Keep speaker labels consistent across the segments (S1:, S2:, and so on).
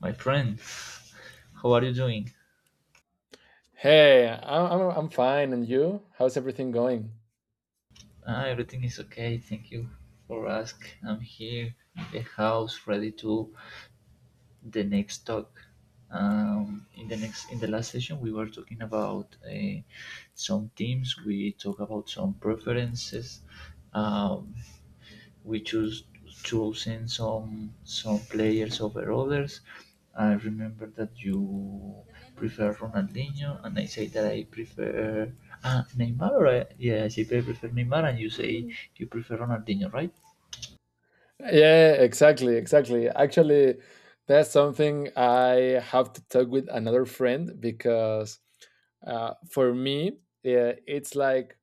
S1: My friend, how are you doing?
S2: Hey, I'm fine, and you? How's everything going?
S1: Ah, everything is okay. Thank you for asking. I'm here in the house ready to the next talk. In the last session, we were talking about some teams. We talk about some preferences. Um, we choose choosing some players over others. I remember that you prefer Ronaldinho, and I say that I prefer Neymar. Or, yeah, I say I prefer Neymar, and you say you prefer Ronaldinho, right?
S2: Yeah, exactly, exactly. Actually, that's something I have to talk with another friend because for me, yeah, it's like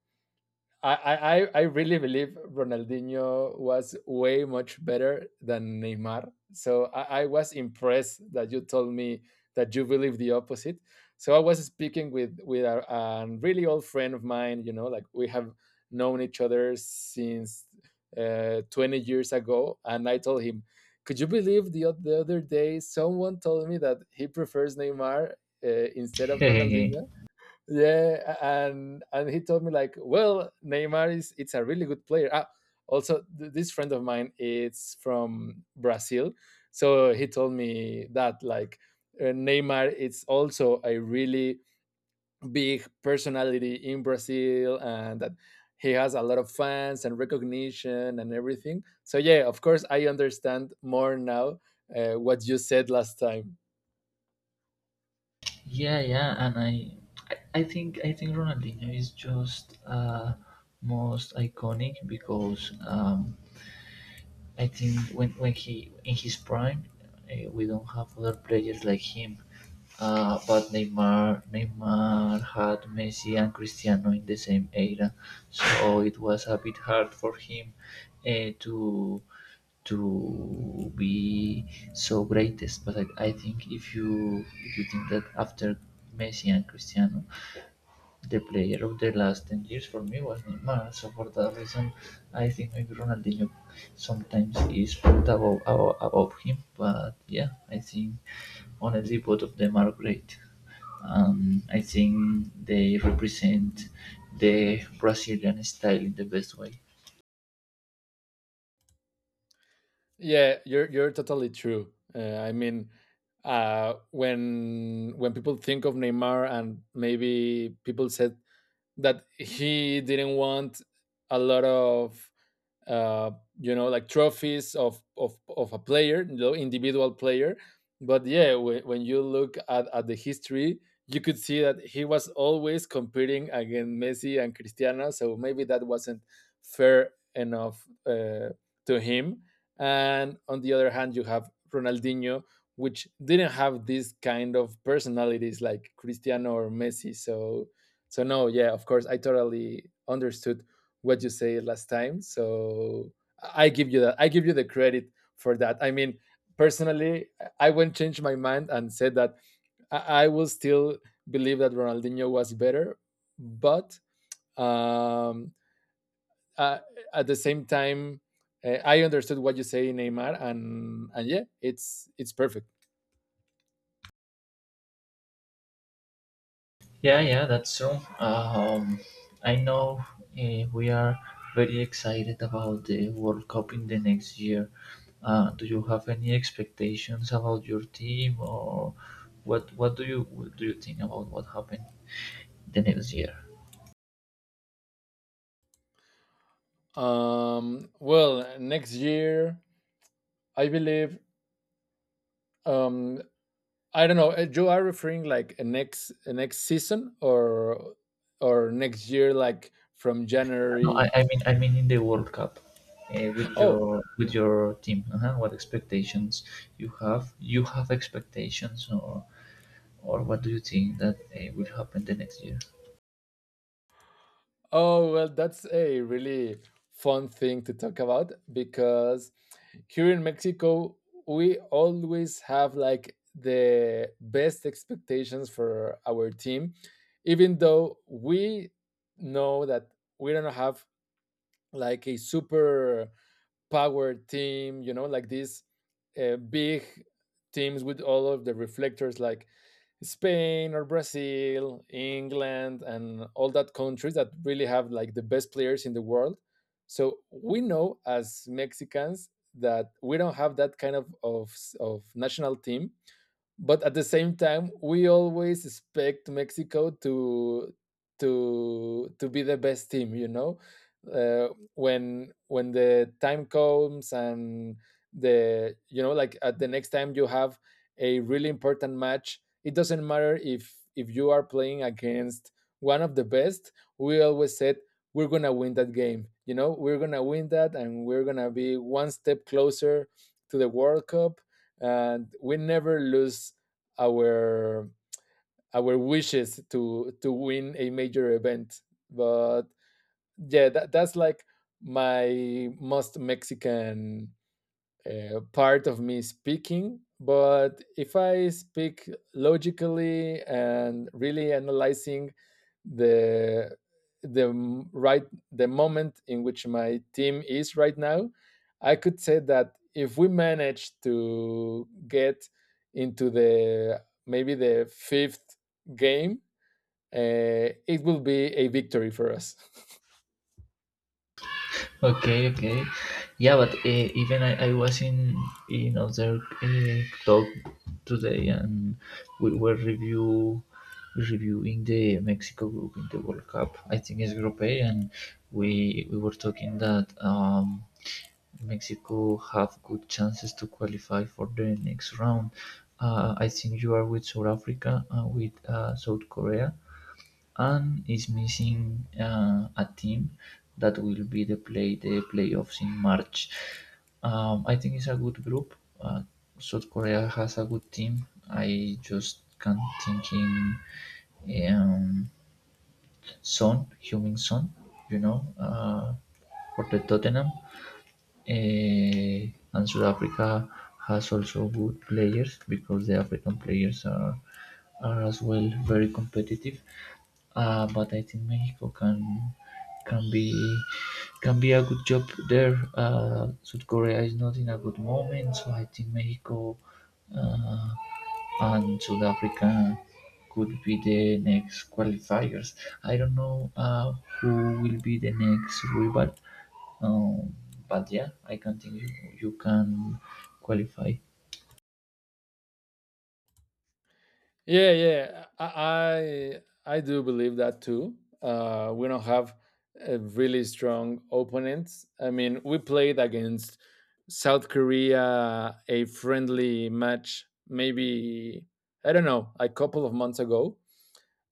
S2: I really believe Ronaldinho was way much better than Neymar. So I was impressed that you told me that you believe the opposite. So I was speaking with a, really old friend of mine. You know, like we have known each other since 20 years ago, and I told him, "Could you believe the other day someone told me that he prefers Neymar instead of Ronaldinho?" Yeah, and he told me like, well, Neymar is it's a really good player. Ah, also this friend of mine is from Brazil, so he told me that like Neymar it's also a really big personality in Brazil and that he has a lot of fans and recognition and everything. So yeah, of course I understand more now what you said last time.
S1: Yeah, yeah, and I think Ronaldinho is just most iconic because I think when he in his prime, we don't have other players like him. But Neymar had Messi and Cristiano in the same era, so it was a bit hard for him uh, to to be so greatest. But I think if you think that after Messi and Cristiano, the player of the last 10 years for me was Neymar, so for that reason I think maybe Ronaldinho sometimes is put above him, but yeah, I think honestly both of them are great. I think they represent the Brazilian style in the best way.
S2: Yeah, you're totally true. I mean, when people think of Neymar and maybe people said that he didn't want a lot of uh, like trophies of of a player, the individual player. But yeah, when you look at the history, you could see that he was always competing against Messi and Cristiano. So maybe that wasn't fair enough to him. And on the other hand, you have Ronaldinho, which didn't have this kind of personalities like Cristiano or Messi. So no, yeah, of course, I totally understood what you say last time. So I give you that. I give you the credit for that. I mean, personally, I won't change my mind and said that I will still believe that Ronaldinho was better, but um, uh, at the same time, I understood what you say, Neymar, and yeah, it's perfect.
S1: Yeah, yeah, that's true. I know we are very excited about the World Cup in the next year. Do you have any expectations about your team, or what? What do you think about what happened the next year?
S2: Well, next year, I believe um, I don't know. You are referring like a next season or next year, like from
S1: No, I,
S2: January.
S1: I mean, I mean in the World Cup, uh, with your
S2: Oh,
S1: with your team. Uh-huh. What expectations you have? You have expectations, or what do you think that will happen the next year?
S2: oh well, that's a really fun thing to talk about because here in Mexico we always have like the best expectations for our team, even though we know that we don't have like a super power team, you know, like these big teams with all of the reflectors like Spain or Brazil, England, and all that countries that really have like the best players in the world. So we know as Mexicans that we don't have that kind of national team, but at the same time we always expect Mexico to to be the best team. You know, uh, when the time comes and the, you know, like at the next time you have a really important match, it doesn't matter if you are playing against one of the best, we always said we're going to win that game. You know, we're going to win that and we're going to be one step closer to the World Cup, and we never lose our wishes to win a major event. But yeah, that's like my most Mexican part of me speaking. But if I speak logically and really analyzing the right, the moment in which my team is right now, I could say that if we manage to get into the maybe the fifth game, it will be a victory for us.
S1: Okay, okay. Yeah, but even I was in other talk today, and we were reviewing the Mexico group in the World Cup. I think it's Group A, and we were talking that Mexico have good chances to qualify for the next round. I think you are with South Africa, with South Korea, and is missing a team that will be the playoffs in March. I think it's a good group. South Korea has a good team. I just can't think in um, Son, Heung-min Son, you know, uh, for the Tottenham. And South Africa has also good players, because the African players are as well very competitive. But I think Mexico can be can be a good job there. South Korea is not in a good moment, so I think Mexico uh, and South Africa could be the next qualifiers. I don't know who will be the next rival, um, but yeah, I can think you can qualify.
S2: Yeah, yeah, I do believe that too. We don't have a really strong opponents. I mean, we played against South Korea a friendly match, maybe I don't know, a couple of months ago.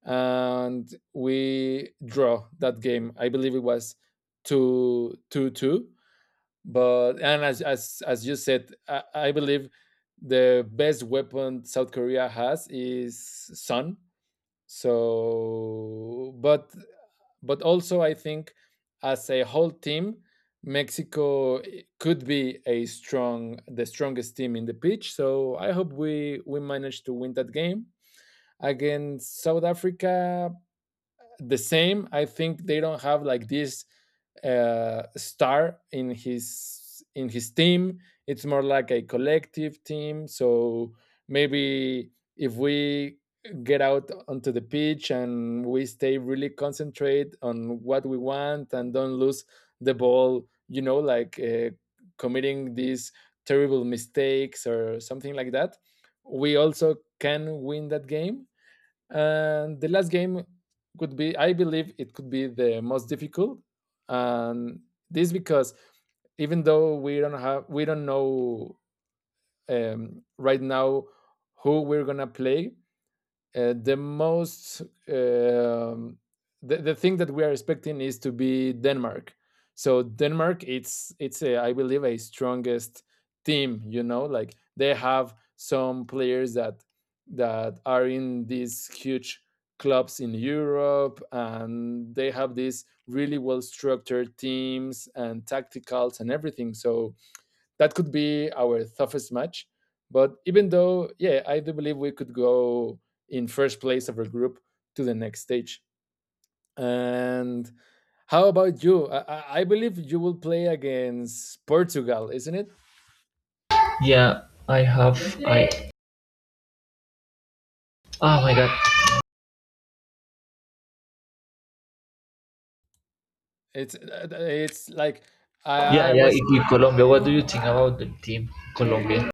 S2: And we draw that game. I believe it was two two two. But and as as you said, I believe the best weapon South Korea has is sun. So, but also I think, as a whole team, Mexico could be a strong the strongest team in the pitch. So I hope we manage to win that game against South Africa the same. I think they don't have like this star in his team. It's more like a collective team. So maybe if we get out onto the pitch and we stay really concentrate on what we want and don't lose the ball, you know, like committing these terrible mistakes or something like that, we also can win that game. And the last game could be, I believe, it could be the most difficult, and this because even though we don't have, we don't know, right now, who we're gonna play, the most, um, the thing that we are expecting is to be Denmark. So Denmark, it's a, I believe, a strongest team. You know, like they have some players that are in these huge clubs in Europe, and they have these really well structured teams and tacticals and everything. So that could be our toughest match. But even though, yeah, I do believe we could go in first place of our group to the next stage. And how about you? I believe you will play against Portugal, isn't it?
S1: Yeah, I have. I oh my god.
S2: It's like
S1: Yeah,
S2: I
S1: yeah.
S2: was.
S1: Colombia. What do you think about the team Colombia?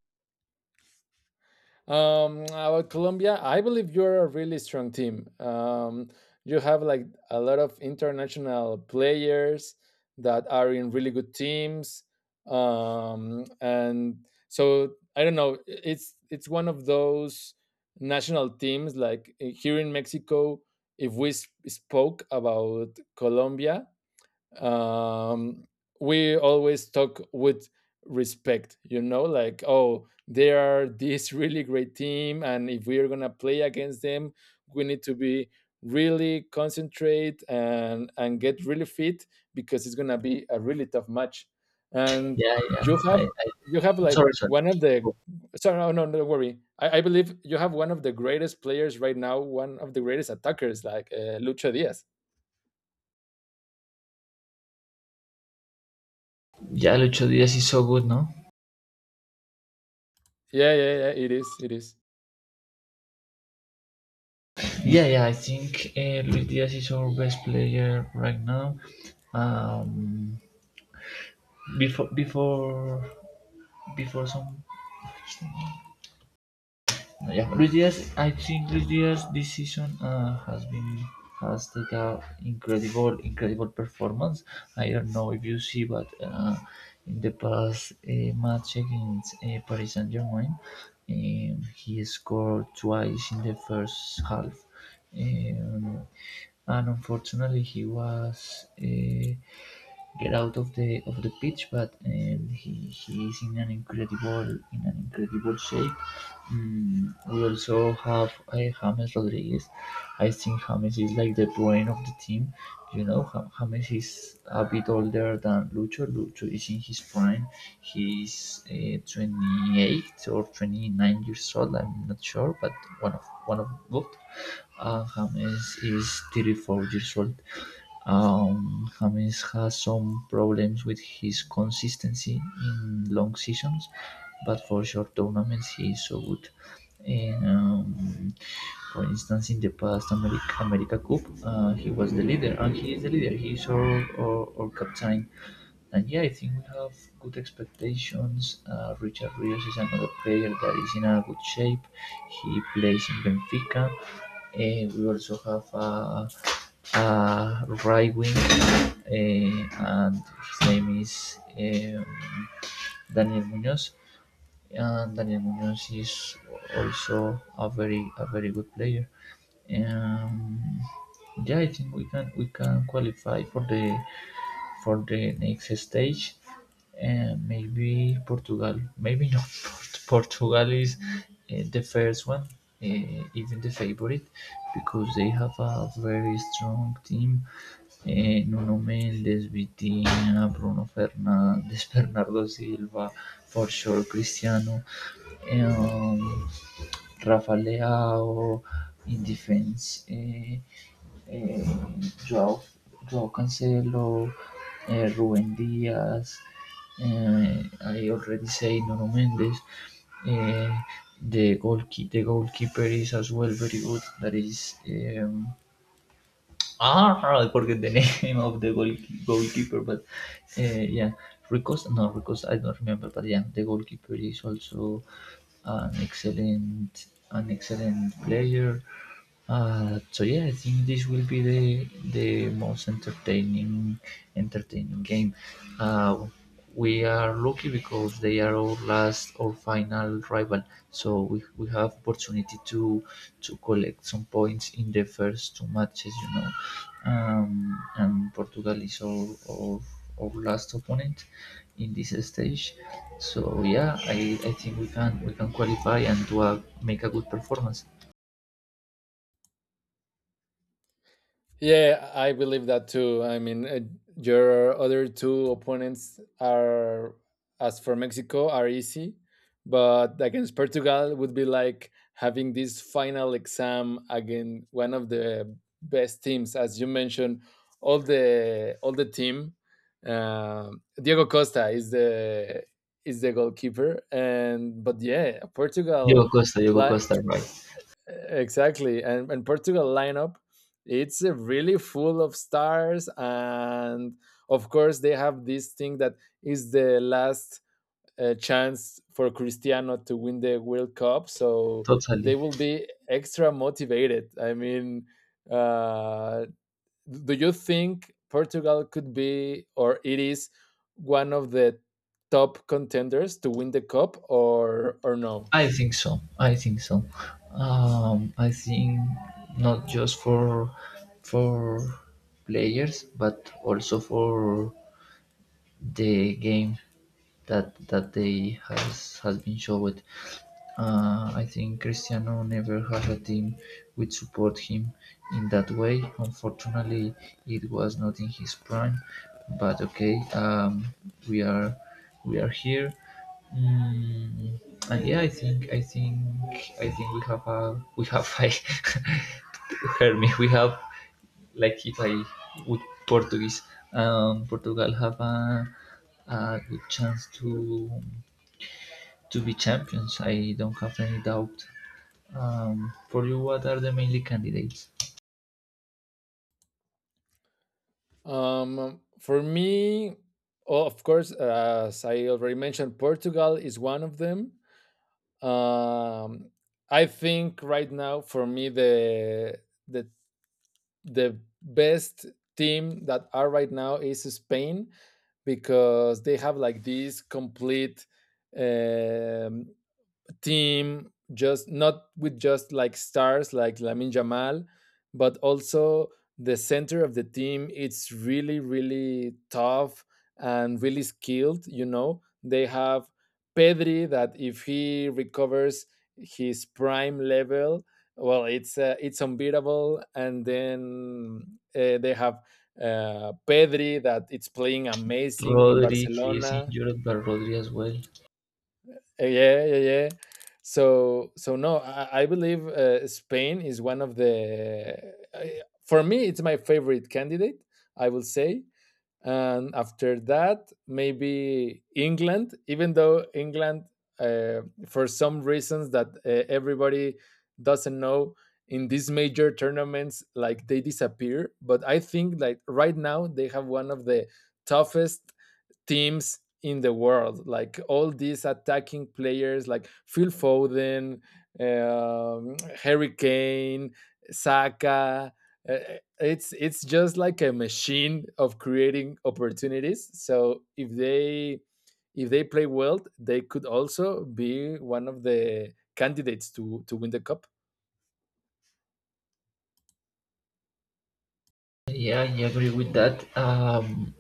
S2: About Colombia, I believe you're a really strong team. You have like a lot of international players that are in really good teams. And so I don't know, it's one of those national teams, like here in Mexico. If we spoke about Colombia, um, we always talk with respect. You know, like, oh, they are this really great team, and if we are going to play against them, we need to be really concentrate and get really fit because it's going to be a really tough match. And
S1: Yeah, yeah.
S2: you have
S1: I
S2: like
S1: sorry, sorry.
S2: one of the— sorry, no, no, don't worry. I believe you have one of the greatest players right now, one of the greatest attackers, like Lucho Diaz.
S1: Yeah, Lucho Diaz is so good, no?
S2: Yeah, yeah, yeah, it is, it is.
S1: Yeah, yeah. I think Luis Diaz is our best player right now. Um, before, before, before some yeah, Luis Diaz. I think Luis Diaz this season has taken an incredible, incredible performance. I don't know if you see, but in the past match against Paris Saint Germain, he scored twice in the first half. Um, and unfortunately, he was get out of the pitch, but he is in an incredible shape. We also have a James Rodriguez. I think James is like the brain of the team. James is a bit older than Lucho. Lucho is in his prime. He's 28 or 29 years old. I'm not sure, but one of both. Uh, James is 34 years old. James has some problems with his consistency in long seasons, but for short tournaments he is so good. And, for instance, in the past America Cup, he was the leader, and he is the leader. He is our captain. And yeah, I think we have good expectations. Richard Rios is another player that is in a good shape. He plays in Benfica. We also have a right wing, and his name is Daniel Munoz. And Daniel Munoz is also a very good player. Um, yeah, I think we can qualify for the next stage, and maybe Portugal maybe not. Portugal is the first one, even the favorite, because they have a very strong team. Nuno Mendes, Vitinha, Bruno Fernandes, Bernardo Silva, for sure Cristiano, um, Rafa Leao in defense. Eh, Joao, Joao Cancelo, Rubén Díaz, hay already say Nuno Méndez. Eh, the, goalkeeper, the goalkeeper, is as well very good. That is. Ah, I forget the name of the goalkeeper, but yeah, Ricos. No, Ricos. I don't remember, but yeah, the goalkeeper is also an excellent player. So yeah, I think this will be the most entertaining game. Uh, we are lucky because they are our last or final rival, so we have opportunity to collect some points in the first two matches. And Portugal is our last opponent in this stage. So yeah, I think we can qualify and make a good performance.
S2: Yeah, I believe that too. I mean, your other two opponents are, as for Mexico, are easy, but against Portugal would be like having this final exam against one of the best teams, as you mentioned. All the team, Diego Costa is the goalkeeper, and but yeah,
S1: Diogo
S2: Portugal.
S1: Costa, Diogo
S2: li-
S1: Costa, right?
S2: Exactly. And Portugal lineup, it's really full of stars, and of course they have this thing that is the last chance for Cristiano to win the World Cup, so they
S1: Totally.
S2: will be extra motivated. I mean, uh, do you think Portugal could be, or it is, one of the top contenders to win the cup or no?
S1: I think so. I think so. I think not just for players, but also for the game that that day has been showed. I think Cristiano never had a team which support him in that way. Unfortunately, it was not in his prime, but okay, we are we are here. Mm, and yeah, I think we have a hear me. We have like if I would Portuguese, Portugal have a good chance to be champions. I don't have any doubt. For you, what are the mainly candidates?
S2: For me, oh, of course, as I already mentioned, Portugal is one of them. Um, I think right now, for me, the the the best team that are right now is Spain, because they have like this complete, um, team, just not with just like stars like Lamin Jamal, but also the center of the team. It's really, really tough and really skilled. You know, they have Pedri that if he recovers his prime level, well, it's unbeatable. And then they have Pedri that it's playing amazing in
S1: Rodri, he is
S2: Barcelona.
S1: injured, but Rodri as well.
S2: Yeah, yeah, yeah, so no, I believe Spain is one of the for me, it's my favorite candidate, I will say. And after that, maybe England, even though England, uh, for some reasons that, everybody doesn't know, in these major tournaments, like they disappear. But I think, like, right now they have one of the toughest teams in the world, like all these attacking players, like Phil Foden, um, Harry Kane, Saka. Uh, it's just like a machine of creating opportunities. So if they play well, they could also be one of the candidates to win the cup.
S1: Yeah, I agree with that.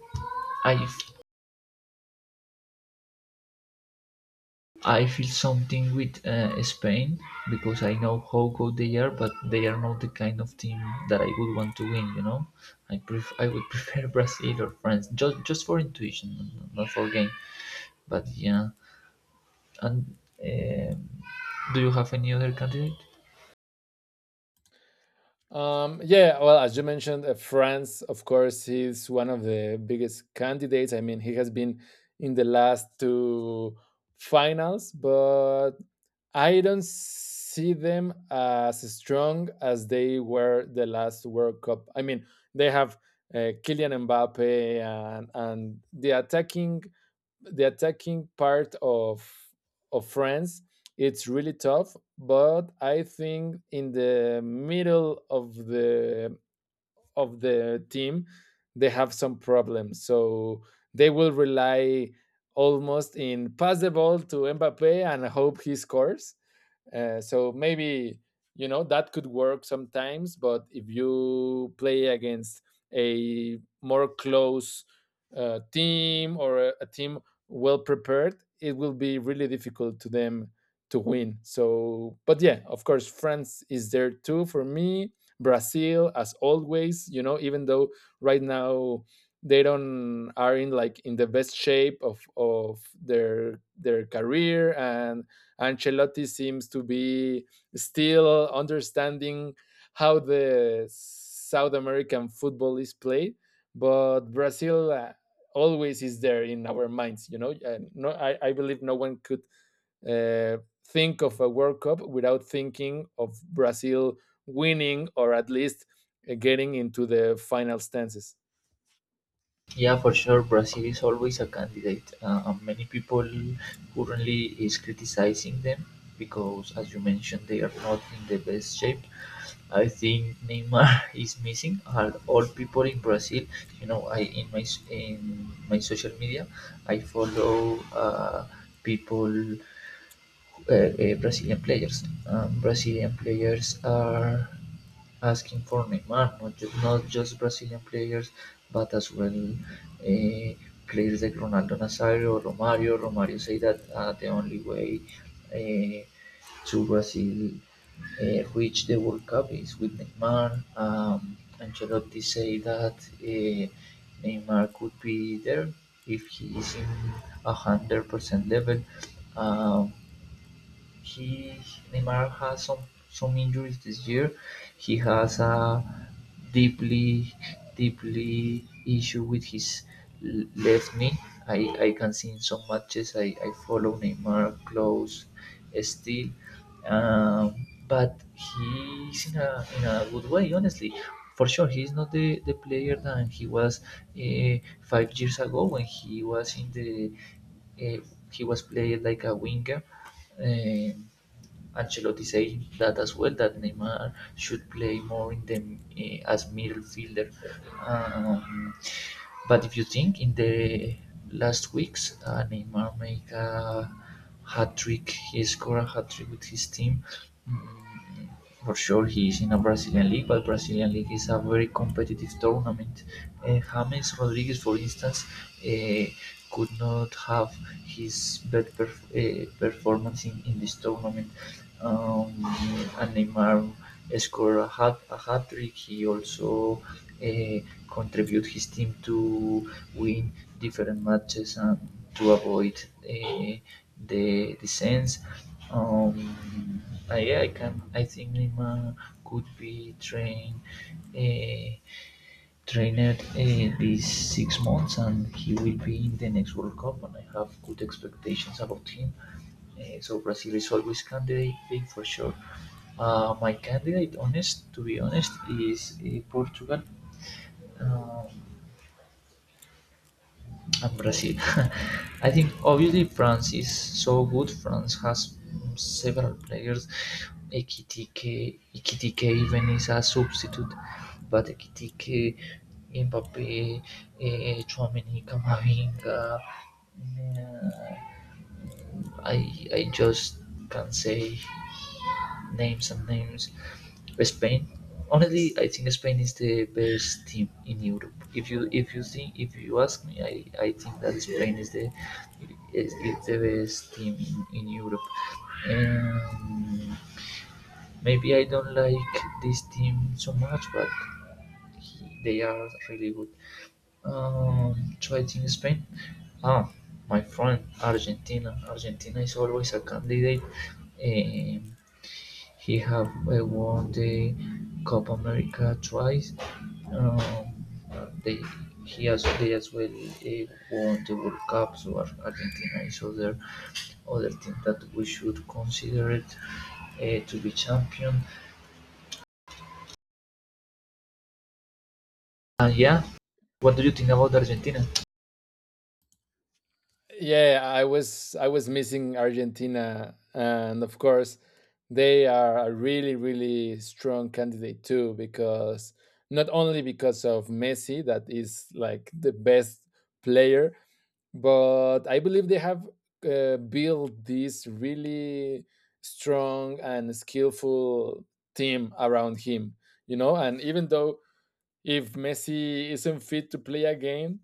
S1: I I feel something with Spain, because I know how good they are, but they are not the kind of team that I would want to win. I would prefer Brazil or France just for intuition, not for game. But yeah, and um do you have any other candidate?
S2: Yeah, well, as you mentioned, France, of course, he's one of the biggest candidates. I mean, he has been in the last two finals, but I don't see them as strong as they were the last World Cup. I mean, they have Kylian Mbappe and, the attacking part of France. It's really tough, but I think in the middle of the team they have some problems, so they will rely almost in pass the ball to Mbappe and hope he scores. So maybe, you know, that could work sometimes, but if you play against a more close team, or a, team well prepared, it will be really difficult to them to win. So, but yeah, of course, France is there too for me. Brazil, as always, you know, even though right now they don't are in like in the best shape of their career, and Ancelotti seems to be still understanding how the South American football is played, but Brazil, always is there in our minds. You know, no, I believe no one could uh, think of a World Cup without thinking of Brazil winning or at least getting into the final stances.
S1: Yeah, for sure. Brazil is always a candidate. Many people currently is criticizing them because, as you mentioned, they are not in the best shape. I think Neymar is missing. All people in Brazil, I in my social media, I follow people well, Brazilian players. Brazilian players are asking for Neymar, not just Brazilian players, but as well players like Ronaldo Nazario, Romario. Romario say that the only way uh, to Brazil reach the World Cup is with Neymar. Ancelotti say that Neymar could be there if he is in 100% level. Um, he Neymar has some injuries this year. He has a deeply deeply issue with his left knee. I can see in some matches I follow Neymar close still. But he's in a good way, honestly. For sure, he's not the player than he was 5 years ago, when he was uh, played like a winger. uh, Ancelotti saying that as well that Neymar should play more in the as midfielder. Um, but if you think in the last weeks, Neymar make a hat trick. He scored a hat trick with his team. Mm, for sure, he is in a Brazilian league, but Brazilian league is a very competitive tournament. Uh, James Rodriguez, for instance, could not have his bad performance in this tournament. Um, and Neymar scored a hat trick. He also uh, contribute his team to win different matches and to avoid uh, the sense. Um, yeah, I can. I think Lima could be trained. Uh, trained uh, these 6 months, and he will be in the next World Cup, and I have good expectations about him. So Brazil is always candidate, for sure. My candidate, honest to be honest, is Portugal. Uh, Brazil. I think obviously France is so good. France has several players. Ekitike even is a substitute, but Ekitike, Mbappe, Tchouameni, Camavinga. mm, I I just can say names and names. Spain. Honestly, I think Spain is the best team in Europe. If you think if you ask me, I think that Spain is the best team in Europe. Um, Maybe I don't like this team so much, but they are really good. So I think Spain. Ah, my friend, Argentina. Argentina is always a candidate. He have won the Copa America twice. Um, they they as well won the World Cup. So Argentina is other team that we should consider it to be champion. And yeah, what do you think about Argentina?
S2: Yeah, I was missing Argentina, and of course, they are a really really strong candidate too, because not only because of Messi that is like the best player, but I believe they have built this really strong and skillful team around him. You know, and even though if Messi isn't fit to play a game,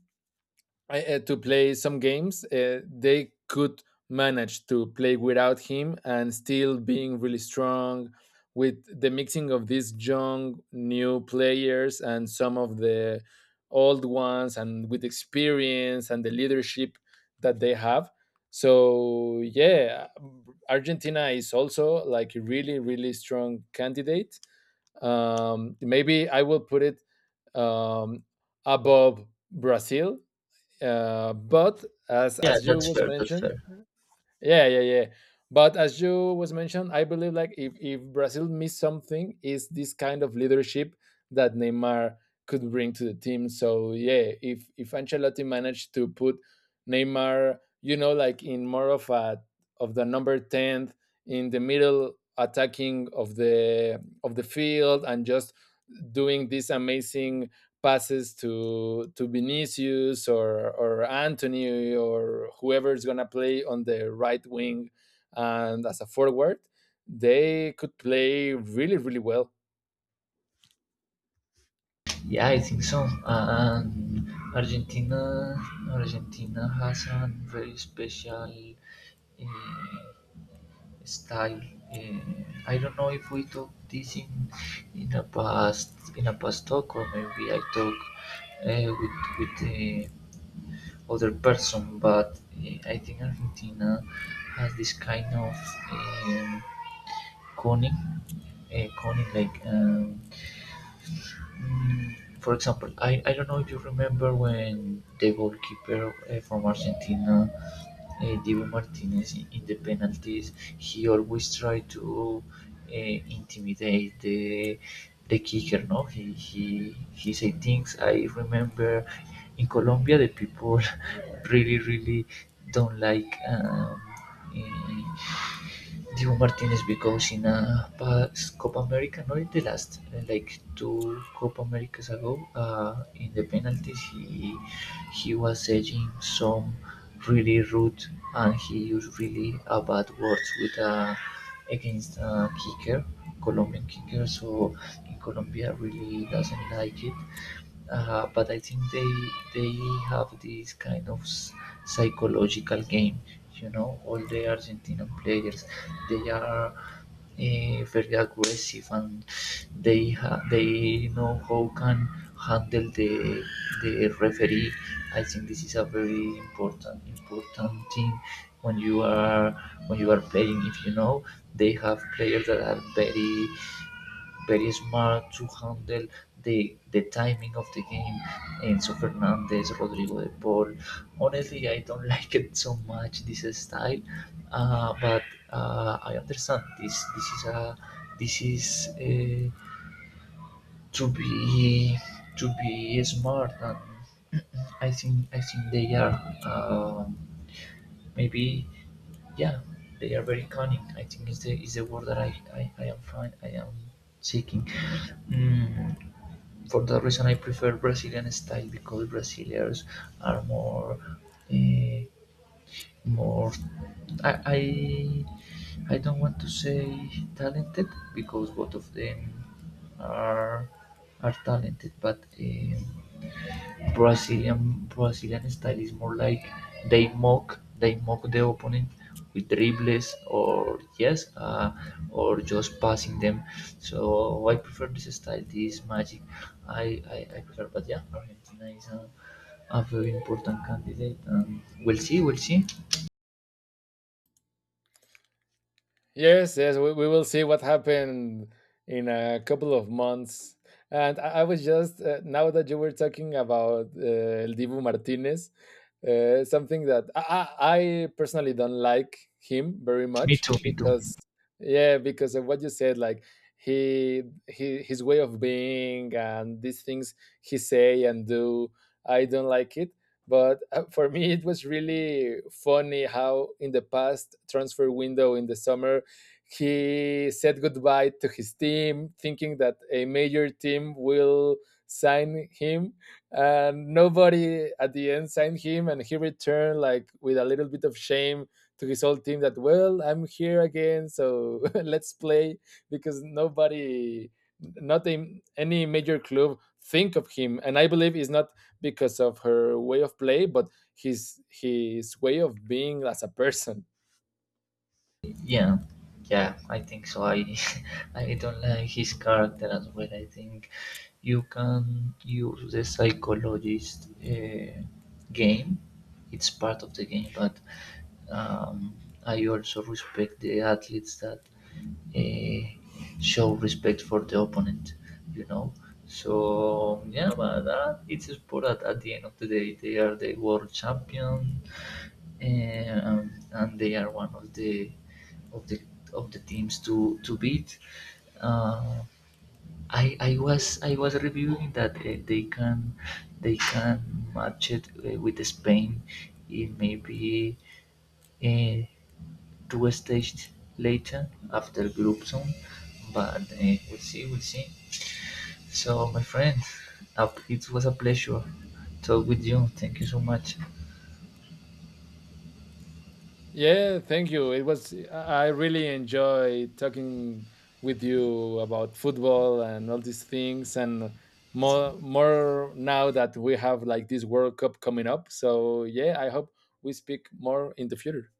S2: to play some games, they could manage to play without him and still being really strong with the mixing of these young new players and some of the old ones and with experience and the leadership that they have. So yeah, Argentina is also like a really really strong candidate. Maybe I will put it, um above Brazil, but as
S1: Yeah,
S2: you
S1: that's
S2: was
S1: fair. That's
S2: mentioned,
S1: fair.
S2: yeah, yeah, yeah. But as you was mentioned, I believe, like, if Brazil missed something, is this kind of leadership that Neymar could bring to the team. So yeah, if Ancelotti managed to put Neymar, you know, like in more of the number tenth in the middle attacking of the field, and just doing this amazing passes to Vinicius or Antony or whoever is gonna play on the right wing and as a forward, they could play really really well.
S1: Yeah, I think so. And Argentina, Argentina has a very special uh, style. Uh, I don't know if we talk this in a past talk, or maybe I talk with the other person, but I think Argentina has this kind of um, cunning, cunning like. For example, I don't know if you remember when the goalkeeper from Argentina, Dibu Martinez, in the penalties. He always tried to intimidate the kicker. No, he he say things. I remember in Colombia the people really really don't like. Uh, Dibu Martinez, because in a past Copa America, not in the last, like two Copa Americas ago, in the penalties, he was edging some really rude, and he used really bad words with against a kicker, Colombian kicker. So in Colombia really doesn't like it. But I think they have this kind of psychological game. You know, all the Argentinian players, they are very aggressive, and they know how can handle the referee. I think this is a very important thing when you are playing. If you know, they have players that are very smart to handle the timing of the game, and so Fernandez, Rodrigo de Paul. Honestly, I don't like it so much this style, but I understand this. This is a this is to be smart, and I think they are um, maybe yeah, they are very cunning. I think is the word that I am find I am seeking. Mm, for that reason I prefer Brazilian style because Brazilians are more uh, more I, I I don't want to say talented because both of them are are talented, but Brazilian style is more like they mock the opponent with dribbles, or yes or just passing them. So oh, I prefer this style, this magic. I prefer, but yeah, Argentina is a very important candidate. We'll see, we'll see.
S2: Yes, yes, we will see what happened in a couple of months. And I was just, now that you were talking about El Dibu Martinez, something that I personally don't like him very
S1: Me
S2: much
S1: too, me too.
S2: because, yeah, because of what you said, like he, he, his way of being and these things he say and do, I don't like it. But for me, it was really funny how, in the past transfer window in the summer, he said goodbye to his team, thinking that a major team will sign him, and nobody at the end signed him, and he returned like with a little bit of shame to his old team, that, well, I'm here again, so let's play, because nobody, not any major club think of him. And I believe it's not because of her way of play, but his way of being as a person.
S1: Yeah, yeah I think so I I don't like his character as well. I think you can use the psychologist game. It's part of the game, but um, I also respect the athletes that show respect for the opponent, you know. So yeah, but it's a sport that at the end of the day they are the world champion, and they are one of the of the of the teams to beat. Uh, I was reviewing that they can match it with Spain in maybe uh, two stages later after group zone, but we'll see, we'll see. So my friend, it was a pleasure talk with you. Thank you so much.
S2: Yeah, thank you. It was— I really enjoy talking with you about football and all these things, and more now that we have like this World Cup coming up. So yeah, I hope we speak more in the future.